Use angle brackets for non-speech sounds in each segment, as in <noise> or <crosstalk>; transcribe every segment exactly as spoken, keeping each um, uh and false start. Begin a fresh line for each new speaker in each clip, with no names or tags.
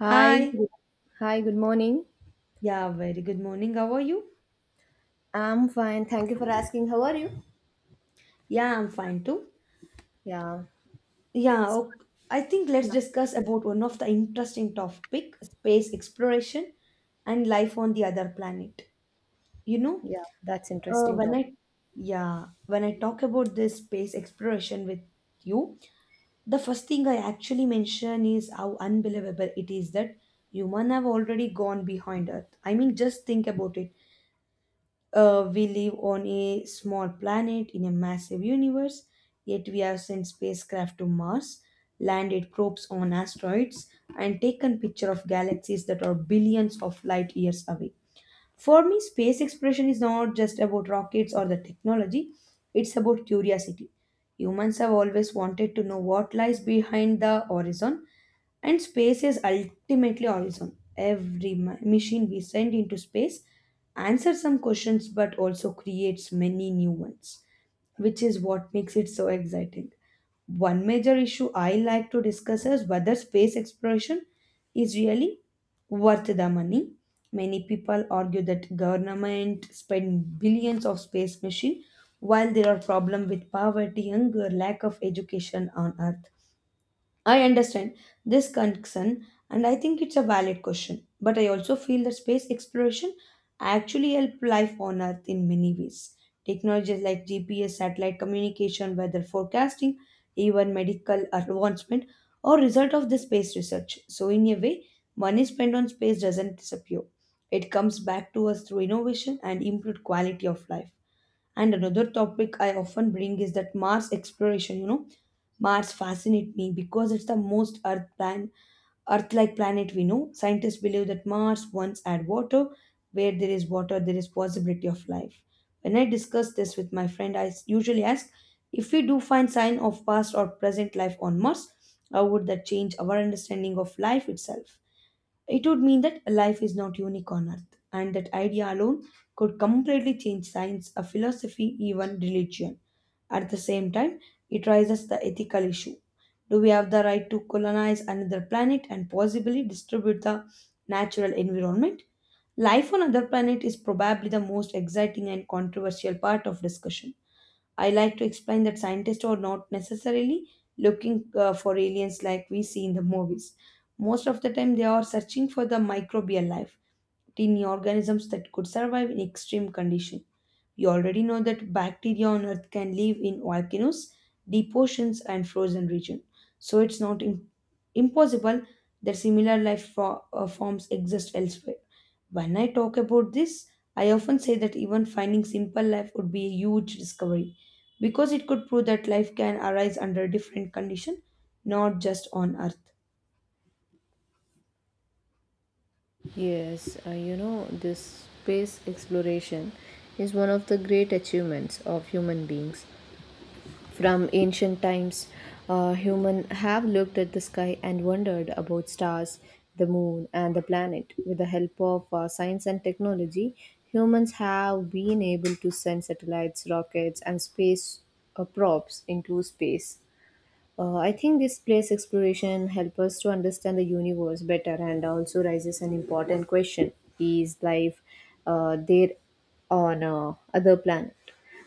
Hi,
Hi.
good, Hi, good morning.
Yeah, very good morning. How are you?
I'm fine. Thank you for asking. How are you?
Yeah, I'm fine too.
Yeah,
Yeah, ok- I think let's
Yeah.
discuss about one of the interesting topic, space exploration and life on the other planet. You know,
Yeah, that's
uh,
interesting
when
topic.
I yeah, when I talk about this space exploration with you, the first thing I actually mention is how unbelievable it is that human have already gone behind Earth. I mean, just think about it. Uh, we live on a small planet in a massive universe, yet we have sent spacecraft to Mars, landed probes on asteroids, and taken pictures of galaxies that are billions of light years away. For me, space exploration is not just about rockets or the technology, it's about curiosity. Humans have always wanted to know what lies behind the horizon, and space is ultimately horizon. Every ma- machine we send into space answers some questions but also creates many new ones, which is what makes it so exciting. One major issue I like to discuss is whether space exploration is really worth the money. Many people argue that government spend billions of space machine while there are problems with poverty, hunger, lack of education on earth. I understand this concern and I think it's a valid question. But I also feel that space exploration actually helps life on Earth in many ways. Technologies like G P S, satellite communication, weather forecasting, even medical advancement are result of the space research. So in a way, money spent on space doesn't disappear. It comes back to us through innovation and improved quality of life. And another topic I often bring is that Mars exploration. You know, Mars fascinates me because it's the most Earth plan, Earth-like planet we know. Scientists believe that Mars once had water. Where there is water, there is possibility of life. When I discuss this with my friend, I s- usually ask if we do find sign of past or present life on Mars, how would that change our understanding of life itself? It would mean that life is not unique on Earth, and that idea alone could completely change science, a philosophy, even religion. At the same time, it raises the ethical issue. Do we have the right to colonize another planet and possibly distribute the natural environment? Life on other planet is probably the most exciting and controversial part of discussion. I like to explain that scientists are not necessarily looking uh, for aliens like we see in the movies. Most of the time, they are searching for the microbial life, tiny organisms that could survive in extreme conditions. You already know that bacteria on Earth can live in volcanoes, deep oceans, and frozen regions. So it's not im- impossible that similar life fo- uh, forms exist elsewhere. When I talk about this, I often say that even finding simple life would be a huge discovery because it could prove that life can arise under different conditions, not just on Earth.
Yes, uh, you know, this space exploration is one of the great achievements of human beings. From ancient times, uh, humans have looked at the sky and wondered about stars, the moon, and the planet. With the help of uh, science and technology, humans have been able to send satellites, rockets, and space uh, probes into space. Uh, I think this place exploration help us to understand the universe better and also raises an important question. Is life uh, there on uh, other planet?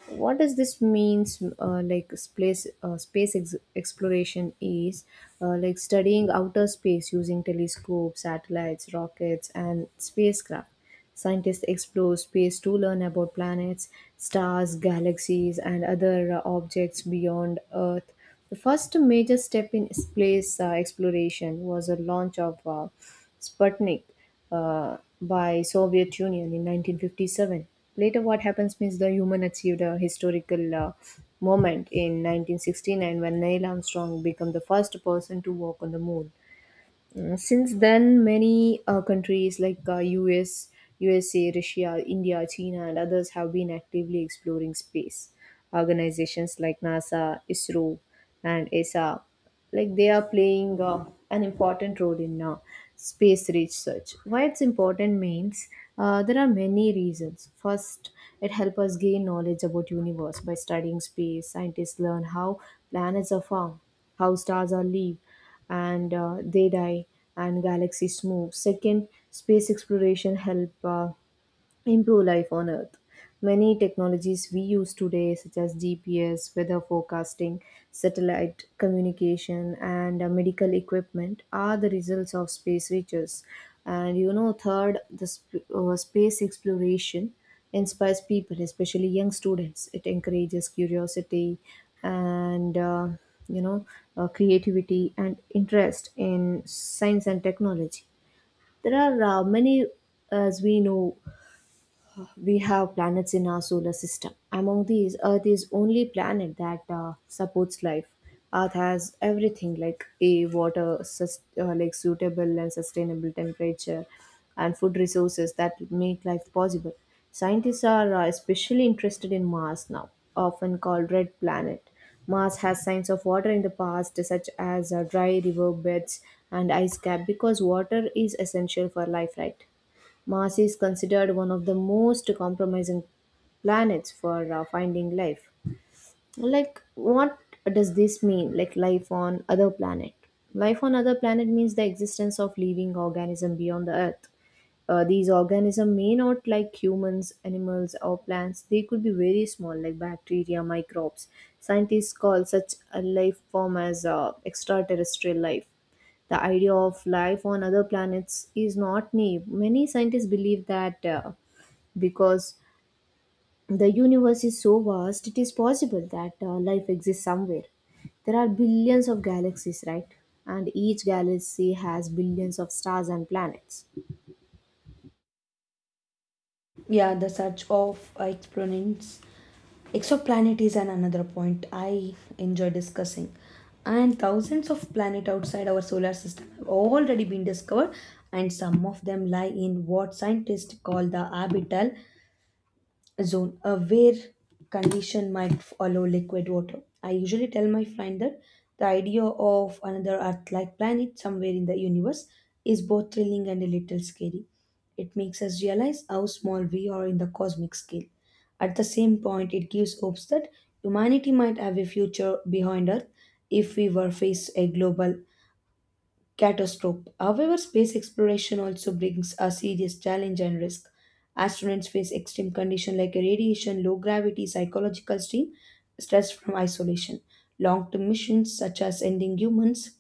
What does this means? Uh, like space, uh, space ex- exploration is uh, like studying outer space using telescopes, satellites, rockets, and spacecraft. Scientists explore space to learn about planets, stars, galaxies, and other uh, objects beyond Earth. The first major step in space uh, exploration was the launch of uh, Sputnik uh, by Soviet Union in nineteen fifty-seven. Later, what happens means the human achieved a historical uh, moment in nineteen sixty-nine when Neil Armstrong became the first person to walk on the moon. Uh, Since then, many uh, countries like uh, U S, U S A, Russia, India, China, and others have been actively exploring space. Organizations like NASA, ISRO, and E S A, like they are playing uh, an important role in uh, space research. Why it's important means uh, there are many reasons. First, it helps us gain knowledge about universe by studying space. Scientists learn how planets are formed, how stars are live and uh, they die and galaxies move. Second, space exploration help uh, improve life on earth, many technologies we use today such as gps, weather forecasting, satellite communication, and uh, medical equipment are the results of space research. And you know third, the sp- uh, space exploration inspires people, especially young students. It encourages curiosity and uh, you know uh, creativity and interest in science and technology. There are uh, many, as we know, we have planets in our solar system. Among these, Earth is only planet that uh, supports life. Earth has everything like a water, sus- uh, like suitable and sustainable temperature, and food resources that make life possible. Scientists are uh, especially interested in Mars now, often called red planet. Mars has signs of water in the past, such as uh, dry river beds and ice cap, because water is essential for life, right? Mars is considered one of the most compromising planets for uh, finding life. Like, what does this mean? Like, life on other planet? Life on other planet means the existence of living organism beyond the Earth. Uh, these organisms may not like humans, animals, or plants. They could be very small, like bacteria, microbes. Scientists call such a life form as uh, extraterrestrial life. The idea of life on other planets is not new. Many scientists believe that uh, because the universe is so vast, it is possible that uh, life exists somewhere. There are billions of galaxies, right? And each galaxy has billions of stars and planets.
Yeah, the search of exponents Exoplanet is an another point I enjoy discussing. And thousands of planets outside our solar system have already been discovered, and some of them lie in what scientists call the orbital zone, a where condition might follow liquid water. I usually tell my friend that the idea of another Earth like planet somewhere in the universe is both thrilling and a little scary. It makes us realize how small we are in the cosmic scale. At the same point, it gives hopes that humanity might have a future behind Earth if we were faced a global catastrophe. However, space exploration also brings a serious challenge and risk. Astronauts face extreme conditions like radiation, low gravity, psychological strain, stress from isolation. Long term missions, such as ending humans,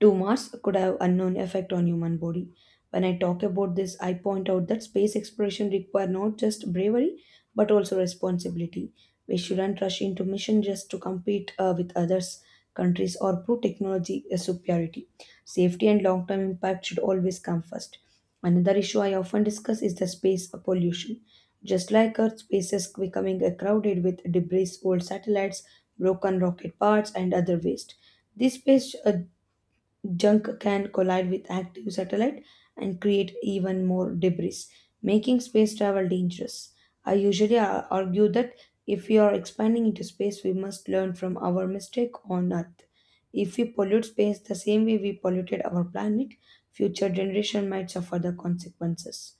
to Mars could have unknown effect on human body. When I talk about this, I point out that space exploration require not just bravery but also responsibility. We shouldn't rush into mission just to compete uh, with others countries or prove technology uh, superiority. Safety and long-term impact should always come first. Another issue I often discuss is the space pollution. Just like Earth, space is becoming uh, crowded with debris, old satellites, broken rocket parts, and other waste. This space uh, junk can collide with active satellite and create even more debris, making space travel dangerous. I usually ar- argue that if we are expanding into space, we must learn from our mistake on Earth. If we pollute space the same way we polluted our planet, future generation might suffer the consequences.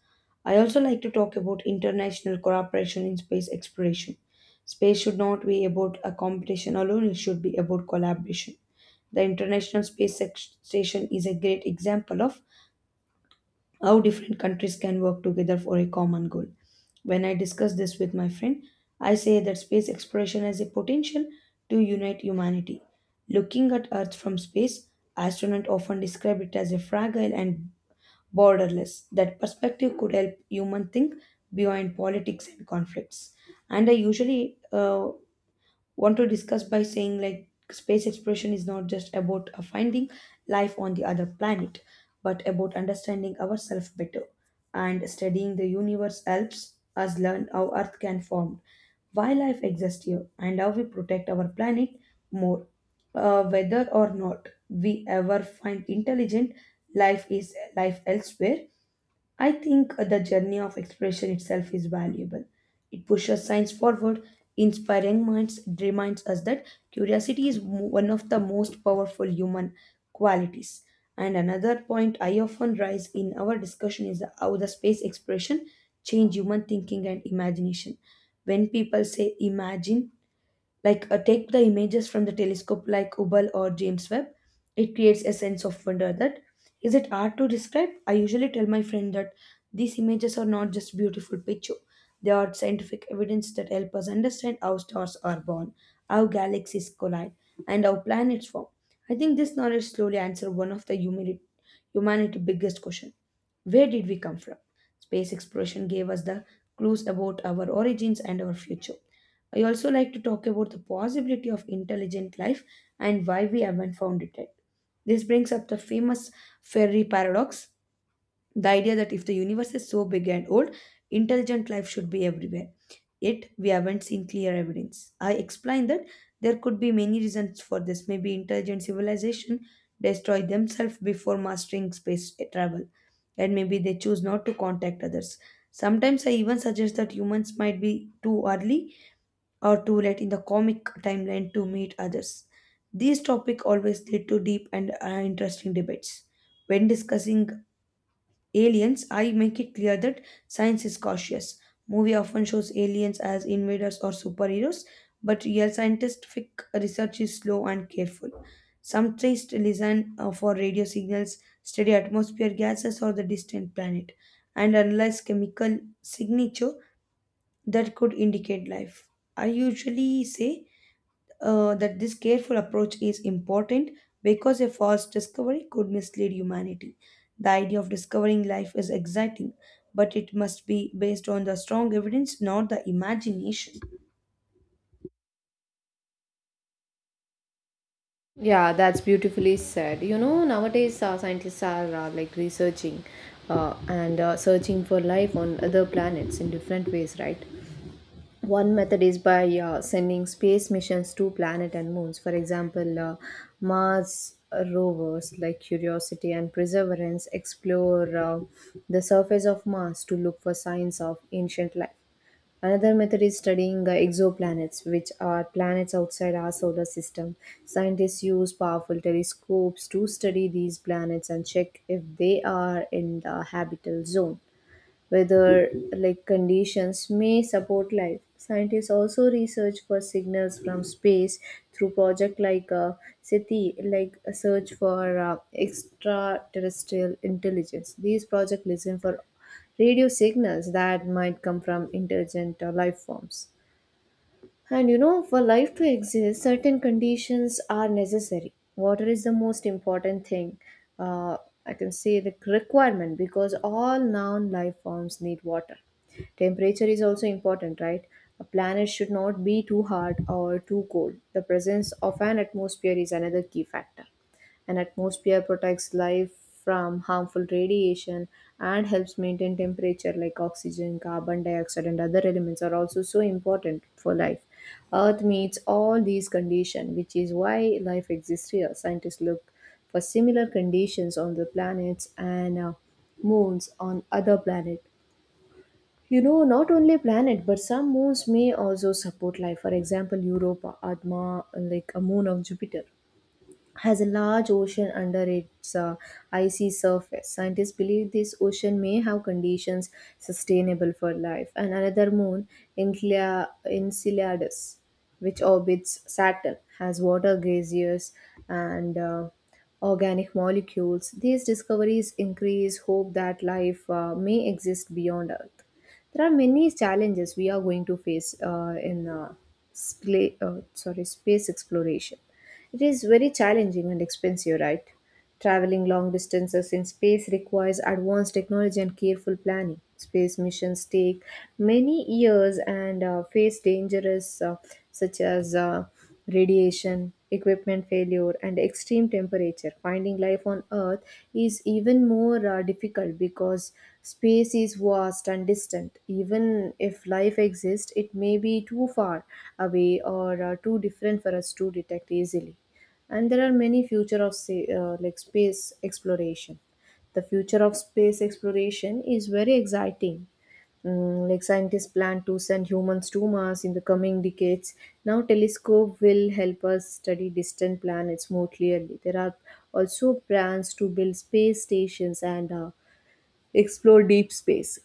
I also like to talk about international cooperation in space exploration. Space should not be about a competition alone, it should be about collaboration. The International Space Sex- Station is a great example of how different countries can work together for a common goal. When I discuss this with my friend, I say that space exploration has a potential to unite humanity. Looking at Earth from space, astronauts often describe it as a fragile and borderless. That perspective could help human think beyond politics and conflicts. And I usually uh, want to discuss by saying like space exploration is not just about uh, finding life on the other planet but about understanding ourselves better and studying the universe helps us learn how earth can form, why life exists here, and how we protect our planet more. Uh, whether or not we ever find intelligent life is life elsewhere, I think the journey of exploration itself is valuable. It pushes science forward, inspiring minds, it reminds us that curiosity is mo- one of the most powerful human qualities. And another point I often raise in our discussion is how the space exploration change human thinking and imagination. When people say imagine like uh, take the images from the telescope like Hubble or James Webb, it creates a sense of wonder that is it hard to describe? I usually tell my friend that these images are not just beautiful picture. They are scientific evidence that help us understand how stars are born, how galaxies collide, and how planets form. I think this knowledge slowly answers one of the humani- humanity's biggest question. Where did we come from? Space exploration gave us the clues about our origins and our future. I also like to talk about the possibility of intelligent life and why we haven't found it yet. This brings up the famous Fermi paradox, the idea that if the universe is so big and old, intelligent life should be everywhere. Yet, we haven't seen clear evidence. I explained that there could be many reasons for this. Maybe intelligent civilization destroyed themselves before mastering space travel, and maybe they choose not to contact others. Sometimes I even suggest that humans might be too early or too late in the comic timeline to meet others. These topics always lead to deep and uh, interesting debates. When discussing aliens, I make it clear that science is cautious. Movie often shows aliens as invaders or superheroes, but real scientific research is slow and careful. Some tests listen uh, for radio signals, study atmosphere gases or the distant planet, and analyze chemical signature that could indicate life. I usually say uh, that this careful approach is important because a false discovery could mislead humanity. The idea of discovering life is exciting, but it must be based on the strong evidence, not the imagination.
Yeah, that's beautifully said. You know, nowadays uh, scientists are uh, like researching, uh, and uh, searching for life on other planets in different ways, right? One method is by uh, sending space missions to planet and moons. For example, uh, Mars rovers like Curiosity and Perseverance explore uh, the surface of Mars to look for signs of ancient life. Another method is studying uh, exoplanets, which are planets outside our solar system. Scientists use powerful telescopes to study these planets and check if they are in the habitable zone. Whether like conditions may support life. Scientists also research for signals from space through project like uh, SETI, like a search for uh, extraterrestrial intelligence. These projects listen for radio signals that might come from intelligent uh, life forms. And you know, for life to exist, certain conditions are necessary. Water is the most important thing. Uh, I can say the requirement because all non life forms need water. Temperature is also important, right? A planet should not be too hot or too cold. The presence of an atmosphere is another key factor. An atmosphere protects life from harmful radiation and helps maintain temperature like oxygen, carbon dioxide and other elements are also so important for life. Earth meets all these conditions, which is why life exists here. Scientists look for similar conditions on the planets and uh, moons on other planet. You know, not only planet, but some moons may also support life. For example, Europa, Adma, like a moon of Jupiter, has a large ocean under its uh, icy surface. Scientists believe this ocean may have conditions sustainable for life. And another moon, Encla- Enceladus, which orbits Saturn, has water glaciers and uh, organic molecules. These discoveries increase hope that life uh, may exist beyond Earth. There are many challenges we are going to face uh, in uh, spla- uh, sorry, space exploration. It is very challenging and expensive, right? Traveling long distances in space requires advanced technology and careful planning. Space missions take many years and uh, face dangers, uh, such as uh, radiation, equipment failure, and extreme temperature. Finding life on Earth is even more uh, difficult because space is vast and distant. Even if life exists, it may be too far away or uh, too different for us to detect easily. And there are many future of say, uh, like space exploration. The future of space exploration is very exciting. Mm, like scientists plan to send humans to Mars in the coming decades. Now, telescope will help us study distant planets more clearly. There are also plans to build space stations and uh, explore deep space.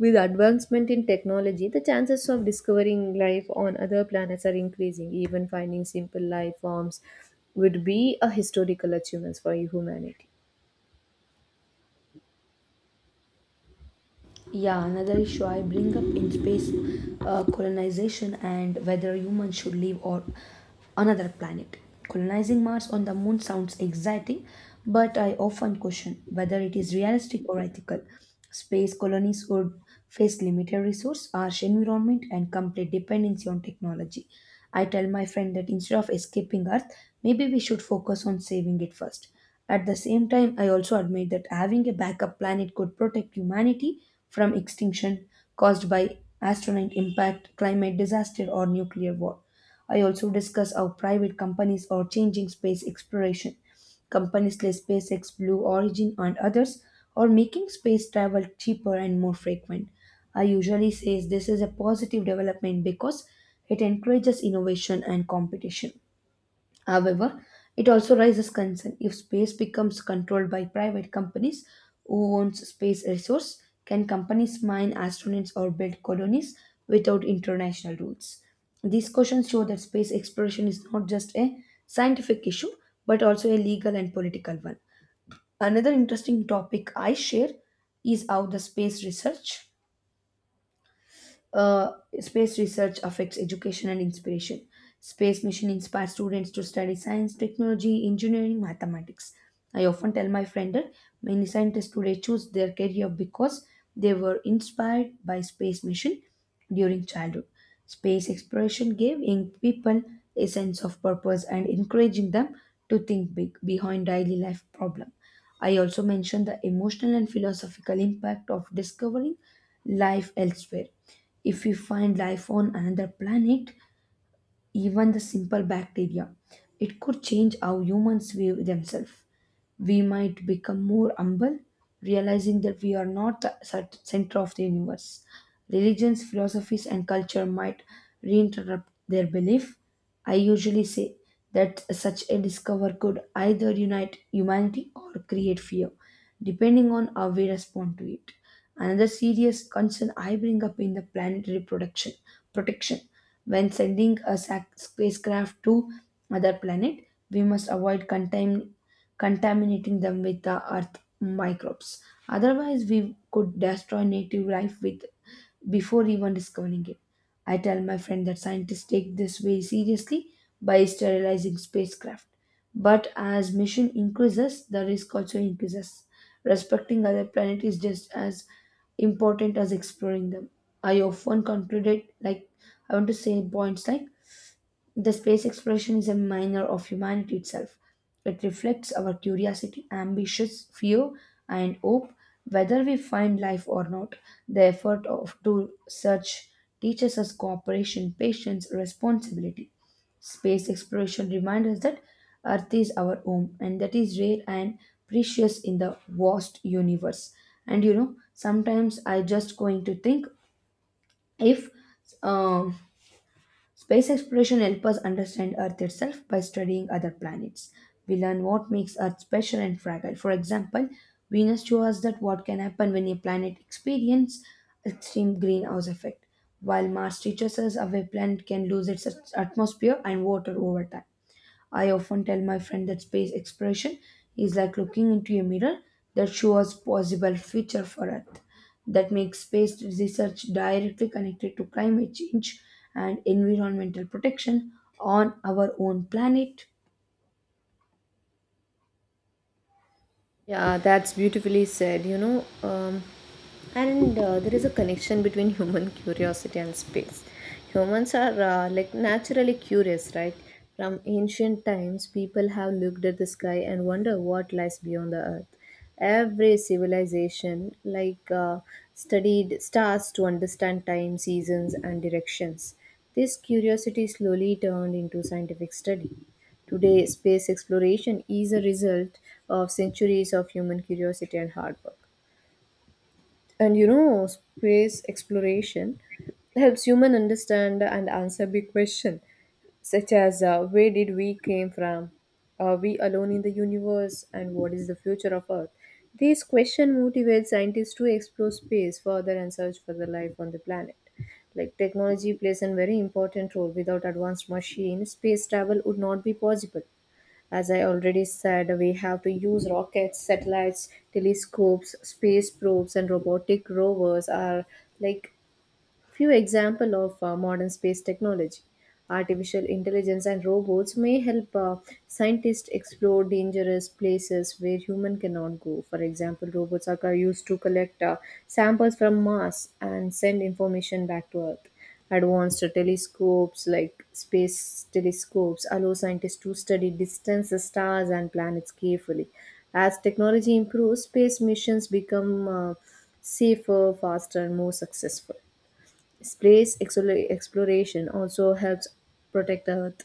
With advancement in technology, the chances of discovering life on other planets are increasing. Even finding simple life forms would be a historical achievement for humanity.
Yeah, another issue I bring up in space uh, colonization and whether humans should live or another planet. Colonizing Mars on the moon sounds exciting, but I often question whether it is realistic or ethical. Space colonies would face limited resource, harsh environment, and complete dependency on technology. I tell my friend that instead of escaping Earth, maybe we should focus on saving it first. At the same time, I also admit that having a backup plan it could protect humanity from extinction caused by astronaut impact, climate disaster, or nuclear war. I also discuss how private companies are changing space exploration. Companies like SpaceX, Blue Origin, and others are making space travel cheaper and more frequent. I usually say this is a positive development because it encourages innovation and competition. However, it also raises concern if space becomes controlled by private companies who owns space resource. Can companies mine astronauts or build colonies without international rules? These questions show that space exploration is not just a scientific issue but also a legal and political one. Another interesting topic I share is how the space research uh, space research affects education and inspiration. Space mission inspires students to study science, technology, engineering, mathematics. I often tell my friend that many scientists today choose their career because they were inspired by space mission during childhood. Space exploration gave young people a sense of purpose and encouraging them to think big behind daily life problem. I also mentioned the emotional and philosophical impact of discovering life elsewhere. If we find life on another planet, even the simple bacteria. It could change how humans view themselves. We might become more humble, realizing that we are not the cent- center of the universe. Religions, philosophies, and culture might reinterrupt their belief. I usually say that such a discover could either unite humanity or create fear, depending on how we respond to it. Another serious concern I bring up in the planetary production protection when sending a sac- spacecraft to other planet, we must avoid contam- contaminating them with the Earth microbes. Otherwise, we could destroy native life with before even discovering it. I tell my friend that scientists take this very seriously by sterilizing spacecraft. But as mission increases, the risk also increases. Respecting other planets is just as important as exploring them. I often concluded like I want to say points like the space exploration is a minor of humanity itself. It reflects our curiosity, ambitions, fear, and hope, whether we find life or not. The effort of to search teaches us cooperation, patience, responsibility. Space exploration reminds us that Earth is our home, and that is rare and precious in the vast universe. And you know, sometimes I just going to think if um Space exploration helps us understand Earth itself by studying other planets. We learn what makes Earth special and fragile. For example, Venus shows us that what can happen when a planet experiences extreme greenhouse effect, while Mars teaches us how a planet can lose its atmosphere and water over time. I often tell my friend that space exploration is like looking into a mirror that shows possible future for Earth. That makes space research directly connected to climate change and environmental protection on our own planet.
Yeah, that's beautifully said, you know. Um, and uh, there is a connection between human <laughs> curiosity and space. Humans are uh, like naturally curious, right? From ancient times, people have looked at the sky and wonder what lies beyond the earth. Every civilization, like, uh, studied stars to understand time, seasons, and directions. This curiosity slowly turned into scientific study. Today, space exploration is a result of centuries of human curiosity and hard work. And you know, space exploration helps human understand and answer big questions such as uh, where did we came from? Are we alone in the universe? And what is the future of Earth? These questions motivate scientists to explore space further and search for the life on the planet. Like technology plays a very important role. Without advanced machines, space travel would not be possible. As I already said, we have to use rockets, satellites, telescopes, space probes, and robotic rovers are like few example of uh, modern space technology. Artificial intelligence and robots may help uh, scientists explore dangerous places where human cannot go. For example, robots are co- used to collect uh, samples from Mars and send information back to Earth. Advanced telescopes like space telescopes allow scientists to study distances, stars, and planets carefully. As technology improves, space missions become uh, safer, faster, and more successful. Space exola- exploration also helps protect the Earth.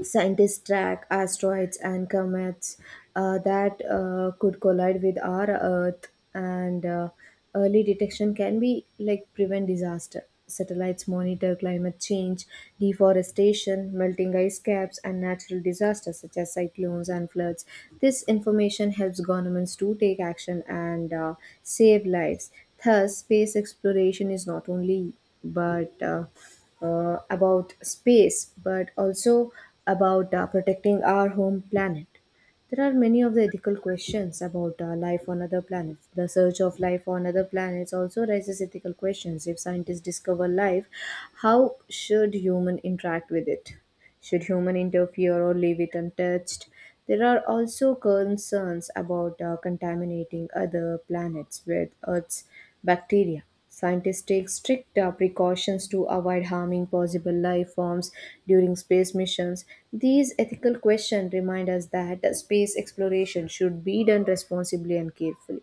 Scientists track asteroids and comets uh, that uh, could collide with our Earth, and uh, early detection can be like prevent disaster. Satellites monitor climate change, deforestation, melting ice caps, and natural disasters such as cyclones and floods. This information helps governments to take action and uh, save lives. Thus, space exploration is not only but uh, uh, about space, but also about uh, protecting our home planet. There are many of the ethical questions about uh, life on other planets. The search of life on other planets also raises ethical questions. If scientists discover life, how should human interact with it? Should human interfere or leave it untouched? There are also concerns about uh, contaminating other planets with Earth's bacteria. Scientists take strict uh, precautions to avoid harming possible life forms during space missions. These ethical questions remind us that space exploration should be done responsibly and carefully.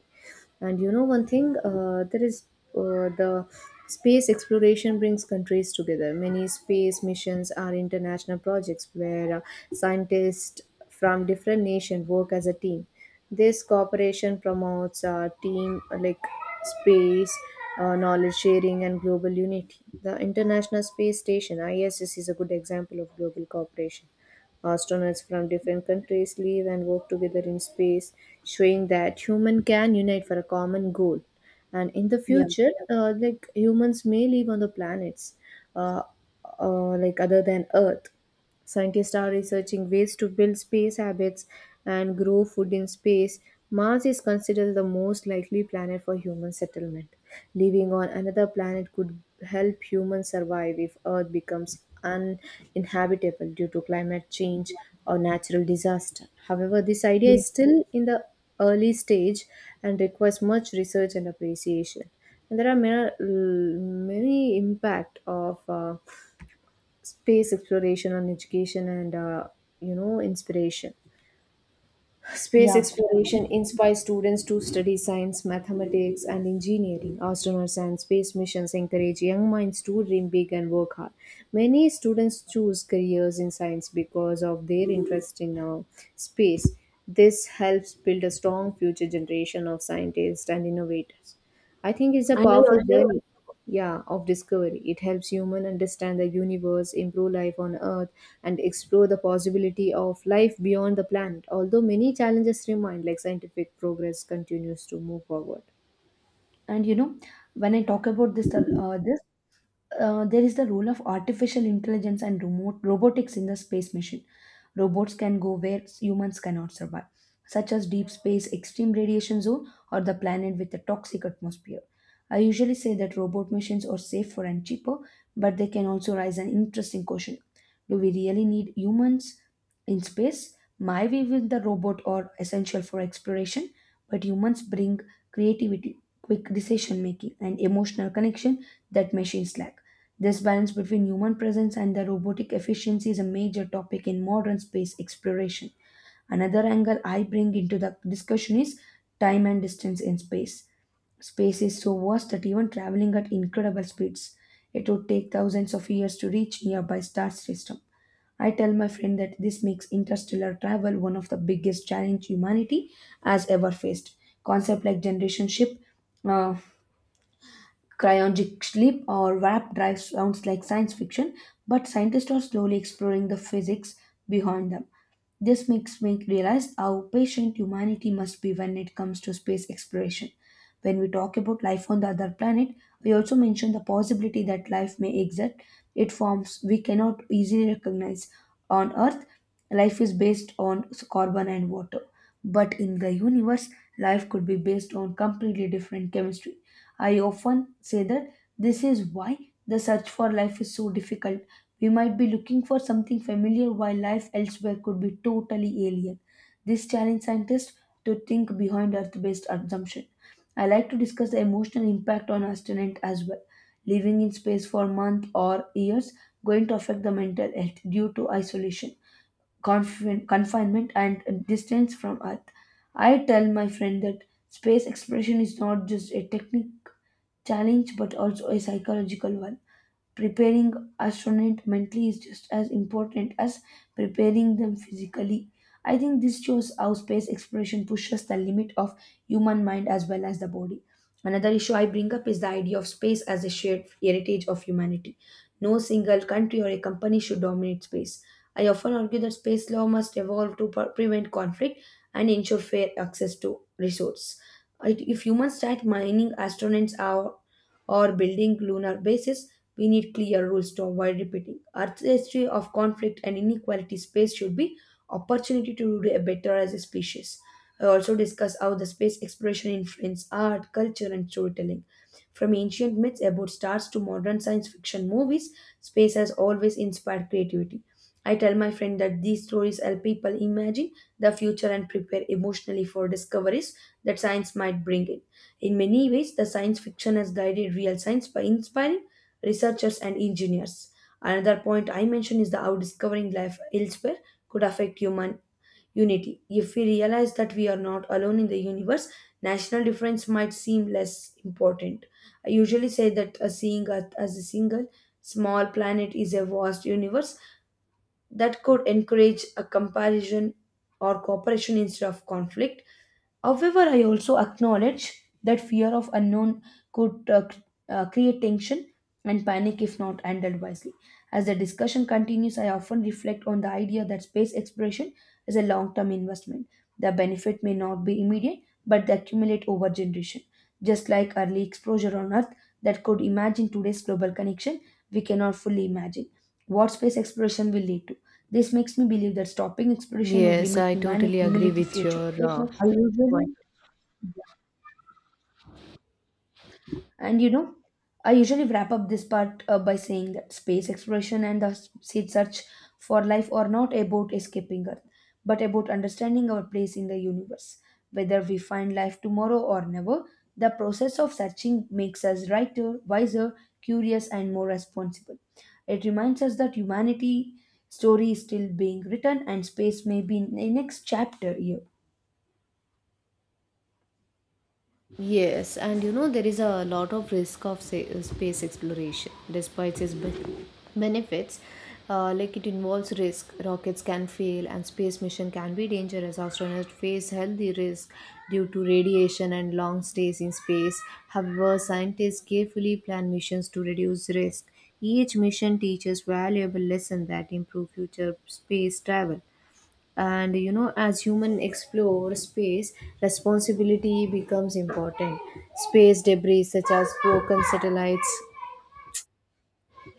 And you know one thing, uh, there is uh, the space exploration brings countries together. Many space missions are international projects where uh, scientists from different nations work as a team. This cooperation promotes uh, team, uh, like space, uh, knowledge sharing and global unity. The International Space Station (I S S) is a good example of global cooperation. Astronauts from different countries live and work together in space, showing that human can unite for a common goal. And in the
Yeah,
future, uh, like humans may live on the planets, uh, uh, like other than Earth. Scientists are researching ways to build space habits and grow food in space. Mars is considered the most likely planet for human settlement. Living on another planet could help humans survive if Earth becomes uninhabitable due to climate change or natural disaster. However, this idea
you- know,
is still in the early stage and requires much research and appreciation. And there are many, many impact of uh, space exploration and education and uh, you know inspiration. Space
yeah.
exploration inspires students to study science, mathematics, and engineering. Astronauts and space missions encourage young minds to dream big and work hard. Many students choose careers in science because of their interest in uh, space. This helps build a strong future generation of scientists and innovators. I think it's a
And I
powerful
also.
journey, yeah, of discovery. It helps human understand the universe, improve life on earth and explore the possibility of life beyond the planet. Although many challenges remain, like scientific progress continues to move forward.
And you know, when I talk about this uh, this uh, there is the role of artificial intelligence and remote robotics in the space mission. Robots can go where humans cannot survive, such as deep space, extreme radiation zone, or the planet with a toxic atmosphere. I usually say that robot missions are safer and cheaper, but they can also raise an interesting question. Do we really need humans in space? My view is the robot are essential for exploration, but humans bring creativity, quick decision making, and emotional connection that machines lack. This balance between human presence and the robotic efficiency is a major topic in modern space exploration. Another angle I bring into the discussion is time and distance in space. Space is so vast that even traveling at incredible speeds, it would take thousands of years to reach nearby star system. I tell my friend that this makes interstellar travel one of the biggest challenge humanity has ever faced. Concept like generation ship, uh, Cryogenic sleep or warp drive sounds like science fiction, but scientists are slowly exploring the physics behind them. This makes me realize how patient humanity must be when it comes to space exploration. When we talk about life on the other planet, we also mention the possibility that life may exist. It forms we cannot easily recognize. On Earth, life is based on carbon and water. But in the universe, life could be based on completely different chemistry. I often say that this is why the search for life is so difficult. We might be looking for something familiar while life elsewhere could be totally alien. This challenge scientists to think behind earth based assumption. I like to discuss the emotional impact on astronaut as well. Living in space for months or years going to affect the mental health due to isolation confin- confinement and distance from Earth. I tell my friend that space exploration is not just a technical challenge but also a psychological one. Preparing astronaut mentally is just as important as preparing them physically. I think this shows how space exploration pushes the limit of human mind as well as the body. Another issue I bring up is the idea of space as a shared heritage of humanity. No single country or a company should dominate space. I often argue that space law must evolve to pre- prevent conflict and ensure fair access to resources. It- If humans start mining astronauts or, or building lunar bases, we need clear rules to avoid repeating. Earth's history of conflict and inequality space should be opportunity to do better as a species. I also discuss how the space exploration influences art, culture, and storytelling. From ancient myths about stars to modern science fiction movies, space has always inspired creativity. I tell my friend that these stories help people imagine the future and prepare emotionally for discoveries that science might bring in. In many ways, the science fiction has guided real science by inspiring researchers and engineers. Another point I mentioned is the how discovering life elsewhere could affect human unity. If we realize that we are not alone in the universe, national difference might seem less important. I usually say that a seeing Earth as a single small planet is a vast universe that could encourage a comparison or cooperation instead of conflict. However, I also acknowledge that fear of unknown could uh, c- uh, create tension and panic if not handled wisely. As the discussion continues, I often reflect on the idea that space exploration is a long term investment. The benefit may not be immediate, but they accumulate over generation. Just like early exposure on Earth that could imagine today's global connection, we cannot fully imagine what space exploration will lead to. This makes me believe that stopping exploration would
Yes,
limit
I
humanity
totally agree
humility
with
future.
your uh,
I
point.
usually, yeah. And you know, I usually wrap up this part uh, by saying that space exploration and the s- seed search for life are not about escaping Earth, but about understanding our place in the universe. Whether we find life tomorrow or never, the process of searching makes us righter, wiser, curious, and more responsible. It reminds us that humanity story is still being written and space may be in the next chapter here.
Yes, and you know there is a lot of risk of say, uh, space exploration, despite its ben- benefits. Uh, like it involves risk, rockets can fail, and space mission can be dangerous. Astronauts face healthy risk due to radiation and long stays in space. However, scientists carefully plan missions to reduce risk. Each mission teaches valuable lessons that improve future space travel. And you know as human explore space, responsibility becomes important. Space debris such as broken satellites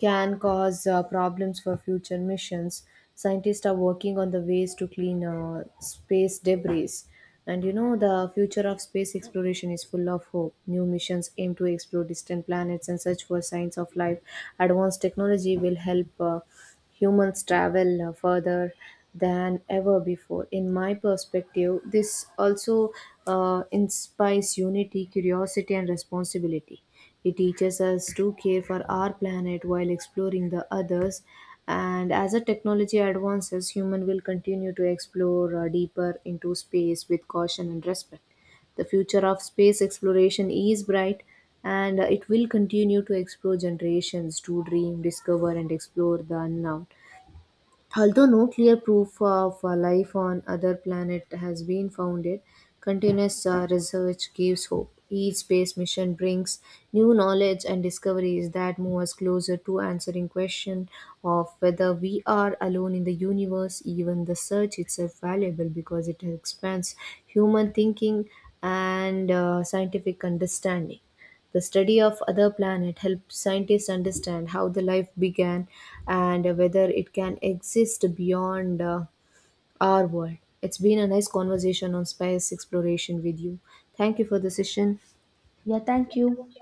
can cause uh, problems for future missions. Scientists are working on the ways to clean uh, space debris. And you know, the future of space exploration is full of hope. New missions aim to explore distant planets and search for signs of life. Advanced technology will help uh, humans travel uh, further than ever before. In my perspective, this also uh, inspires unity, curiosity, and responsibility. It teaches us to care for our planet while exploring the others. And as the technology advances, human will continue to explore uh, deeper into space with caution and respect. The future of space exploration is bright and uh, it will continue to explore generations to dream, discover, and explore the unknown. Although no clear proof of uh, life on other planet has been found, it continuous uh, research gives hope. Each space mission brings new knowledge and discoveries that move us closer to answering question of whether we are alone in the universe. Even the search itself valuable because it expands human thinking and uh, scientific understanding. The study of other planets helps scientists understand how the life began and whether it can exist beyond uh, our world. It's been a nice conversation on space exploration with you. Thank you for the session.
Yeah, thank you.